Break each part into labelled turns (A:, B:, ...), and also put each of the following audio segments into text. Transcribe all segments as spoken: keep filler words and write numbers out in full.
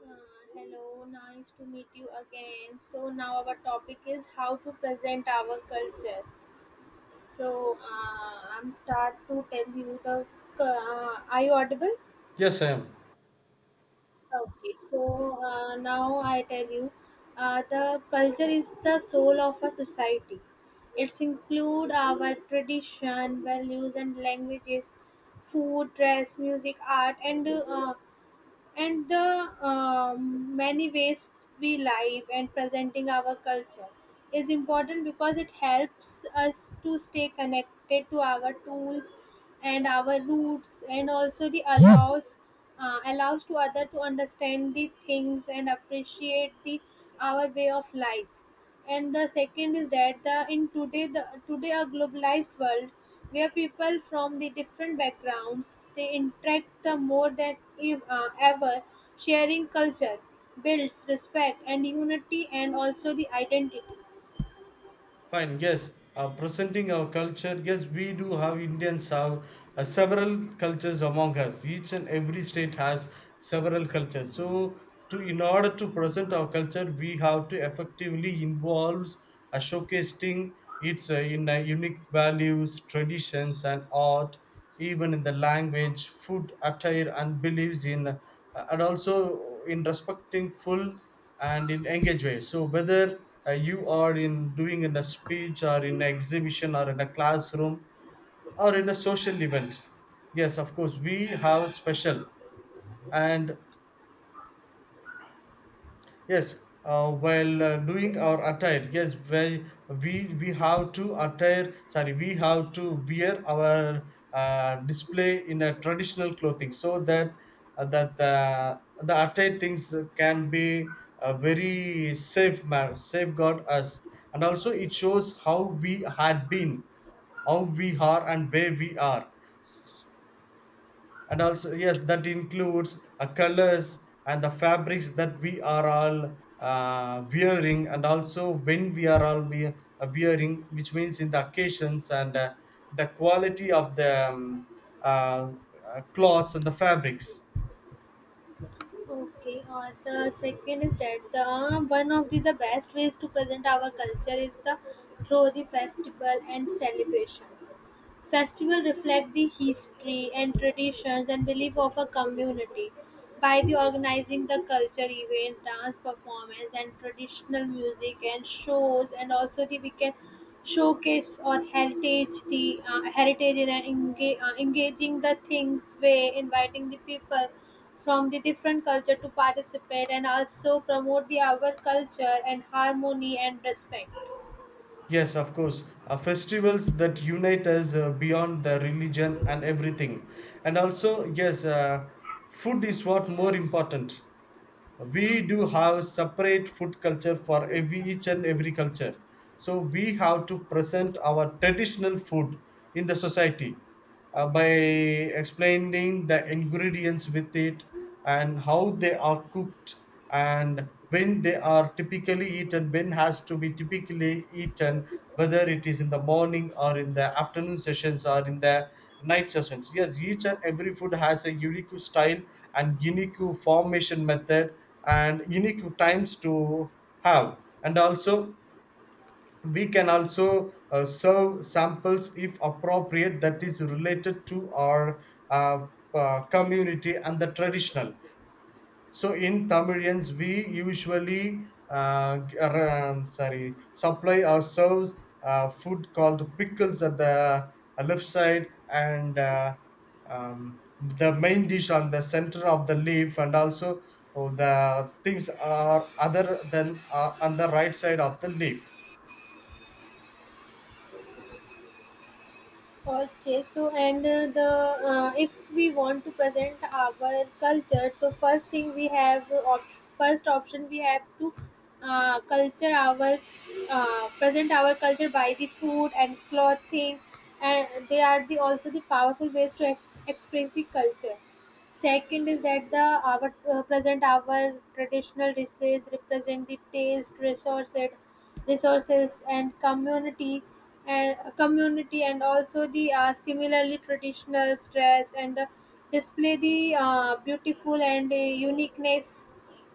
A: Uh, Hello, nice to meet you again. So now our topic is how to present our culture. So uh, I'm start to tell you the. Uh, are you audible?
B: Yes, I am.
A: Okay. So uh, now I tell you, uh, the culture is the soul of a society. It's include our tradition, values, and languages, food, dress, music, art, and uh, and the um, many ways we live and presenting our culture is important because it helps us to stay connected to our tools and our roots and also the allows uh, allows to other to understand the things and appreciate the our way of life and the second is that the in today the today a globalized world where people from the different backgrounds they interact the more than ev- uh, ever, sharing culture builds respect and unity and also the identity.
B: Fine. Yes, uh, presenting our culture. Yes, we do have Indians have uh, several cultures among us. Each and every state has several cultures. So, to in order to present our culture, we have to effectively involves uh, showcasing its uh, in uh, unique values, traditions, and art. Even in the language, food, attire, and beliefs in, uh, And also in respecting full and in engaged way. So whether uh, you are in doing in a speech or in an exhibition or in a classroom or in a social event, yes, of course, we have special and yes, uh, while uh, doing our attire, yes, we we we have to attire. Sorry, we have to wear our uh, display in a traditional clothing so that uh, that the the attire things can be a very safe ma- safeguard us, and also it shows how we had been, how we are, and where we are. And also yes, that includes uh, colors and the fabrics that we are all uh, wearing, and also when we are all we uh, wearing, which means in the occasions, and uh, the quality of the um, uh, uh, cloths and the fabrics.
A: Okay, uh, the second is that the one of the, the best ways to present our culture is the through the festival and celebrations. Festivals reflect the history and traditions and belief of a community by the organizing the culture event, dance performance and traditional music and shows and also the we can showcase or heritage the uh, heritage in an enga- uh, engaging the things way inviting the people from the different culture to participate and also promote the our culture and harmony and respect.
B: Yes, of course, uh, festivals that unite us uh, beyond the religion and everything. And also yes, uh, food is what more important. We do have separate food culture for every each and every culture, so we have to present our traditional food in the society uh, by explaining the ingredients with it, and how they are cooked, and when they are typically eaten, when has to be typically eaten, whether it is in the morning or in the afternoon sessions or in the night sessions. Yes, each and every food has a unique style and unique formation method and unique times to have. And also we can also uh, serve samples if appropriate, that is related to our uh, uh, community and the traditional. So in Tamilians, we usually uh, g- ar- um, sorry, supply ourselves uh, food called pickles at the uh, left side, and uh, um, the main dish on the center of the leaf, and also oh, the things are other than uh, on the right side of the leaf.
A: Okay, So, and uh, the uh, if we want to present our culture, so first thing we have uh, op- first option we have to uh, culture our uh, present our culture by the food and clothing, and they are the also the powerful ways to ex- express the culture. Second is that the our uh, present our traditional dishes represent the taste, resources, resources and community and uh, community and also the uh, similarly traditional dress and uh, display the uh, beautiful and uh, uniqueness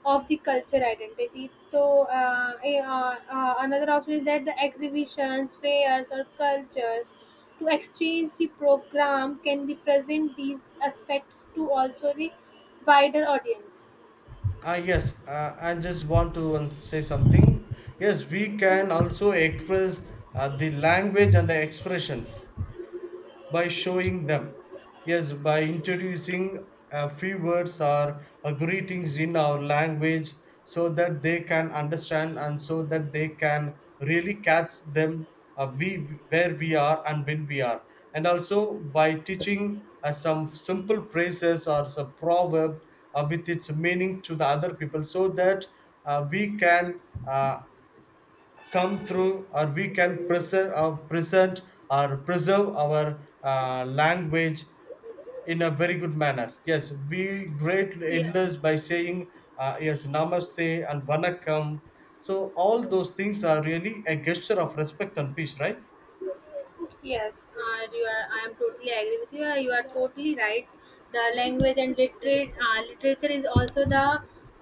A: of the culture identity. So uh, eh, uh, uh, another option is that the exhibitions, fairs, or cultures to exchange the program can represent these aspects to also the wider audience.
B: Ah, yes, uh, I just want to um, say something. Yes, we can also express uh, the language and the expressions, by showing them. Yes, by introducing a few words or a greetings in our language so that they can understand, and so that they can really catch them, uh, we where we are and when we are. And also by teaching uh, some simple phrases or some proverb uh, with its meaning to the other people, so that uh, we can uh, come through or we can present or present or preserve our uh, language in a very good manner. Yes, we great
A: Yes.
B: elders by saying uh, yes, namaste and vanakkam. So all those things are really a gesture of respect and peace, right?
A: Yes, uh, you are, I am totally agree with you. Uh, You are totally right. The language and literate, uh, literature is also the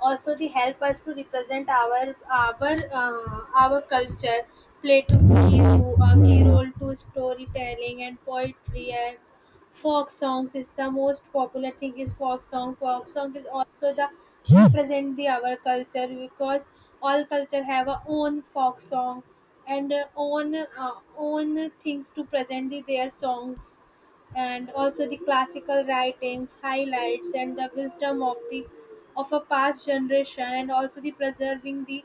A: also the help us to represent our our uh, our culture. Play to key to a key role to storytelling and poetry and folk songs is the most popular thing is folk song folk song is also the represent the our culture because all culture have a own folk song and uh, own uh, own things to present the, their songs and also the classical writings highlights and the wisdom of the of a past generation and also the preserving the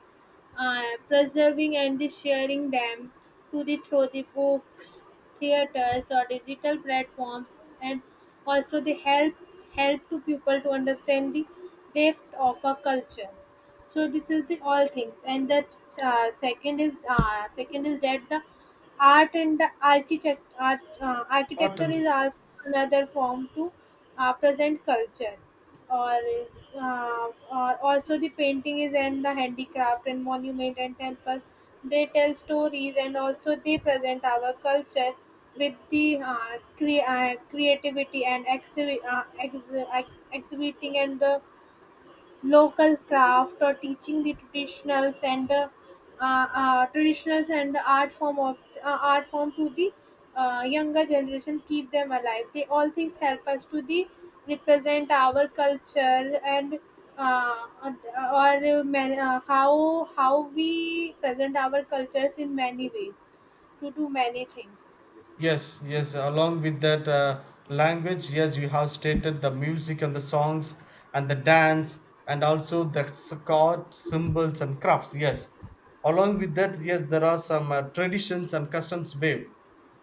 A: uh, preserving and the sharing them to the through the books, theaters, or digital platforms, and also they help help to people to understand the depth of a culture. So this is the all things, and the uh, second is uh, second is that the art and the architect art, uh,
B: Art
A: architecture
B: and
A: is also another form to uh, present culture or uh, or also the painting is and the handicraft and monument and temples they tell stories and also they present our culture with the uh, cre- uh, creativity and exhi- uh, ex- ex- exhibiting and the local craft or teaching the traditionals and uh, uh, uh, traditionals and art form of uh, art form to the uh, younger generation keep them alive they all things help us to the represent our culture and uh, or man, uh, how how we present our cultures in many ways to do many things.
B: yes, yes. Along with that uh, language, yes, you have stated the music and the songs, and the dance, and also the scarred symbols and crafts. Yes. Along with that, yes, there are some uh, traditions and customs wave.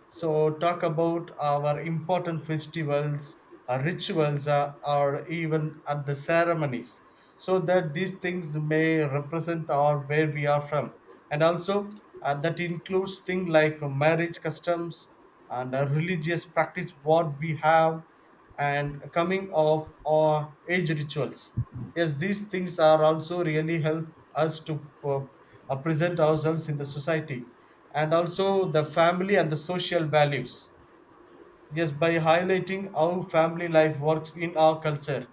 B: So, talk about our important festivals, our rituals, uh, or even at the ceremonies, so that these things may represent our where we are from. And also uh, that includes things like marriage customs, and uh, religious practice what we have, and coming of or age rituals. Yes, these things are also really help us to uh, uh, present ourselves in the society, and also the family and the social values. Yes, by highlighting how family life works in our culture,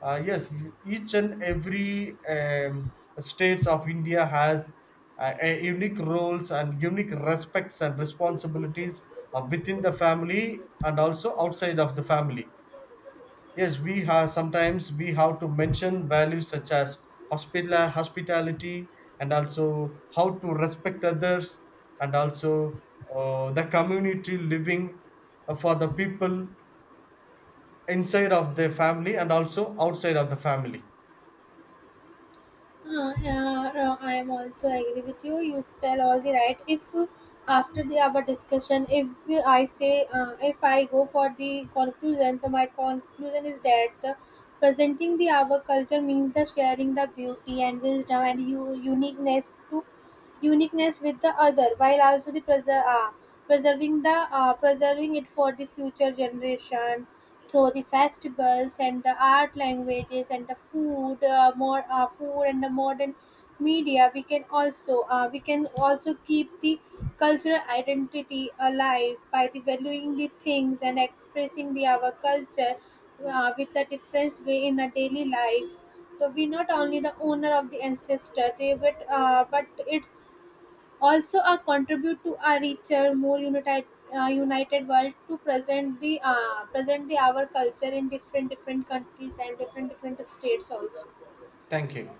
B: uh, yes, each and every um, states of India has uh, a unique roles and unique respects and responsibilities uh, within the family and also outside of the family. Yes, we have sometimes we have to mention values such as hospital hospitality, and also how to respect others, and also uh, the community living uh, for the people inside of their family and also outside of the family.
A: Uh, yeah, uh, I am also agree with you. You tell all the right. If uh, after the our discussion, if I say, uh, if I go for the conclusion, so my conclusion is that the presenting the our culture means the sharing the beauty and wisdom and u- uniqueness to uniqueness with the other, while also the preser- uh, preserving the uh, preserving it for the future generation through the festivals and the art languages and the food uh, more uh, food and the modern media we can also uh, we can also keep the cultural identity alive by the valuing the things and expressing the our culture uh, with a different way in a daily life so we're not only the owner of the ancestor, they but uh, but it's also a contribute to a richer, more united uh, united world to present the uh, present the our culture in different different countries and different different states also.
B: Thank you.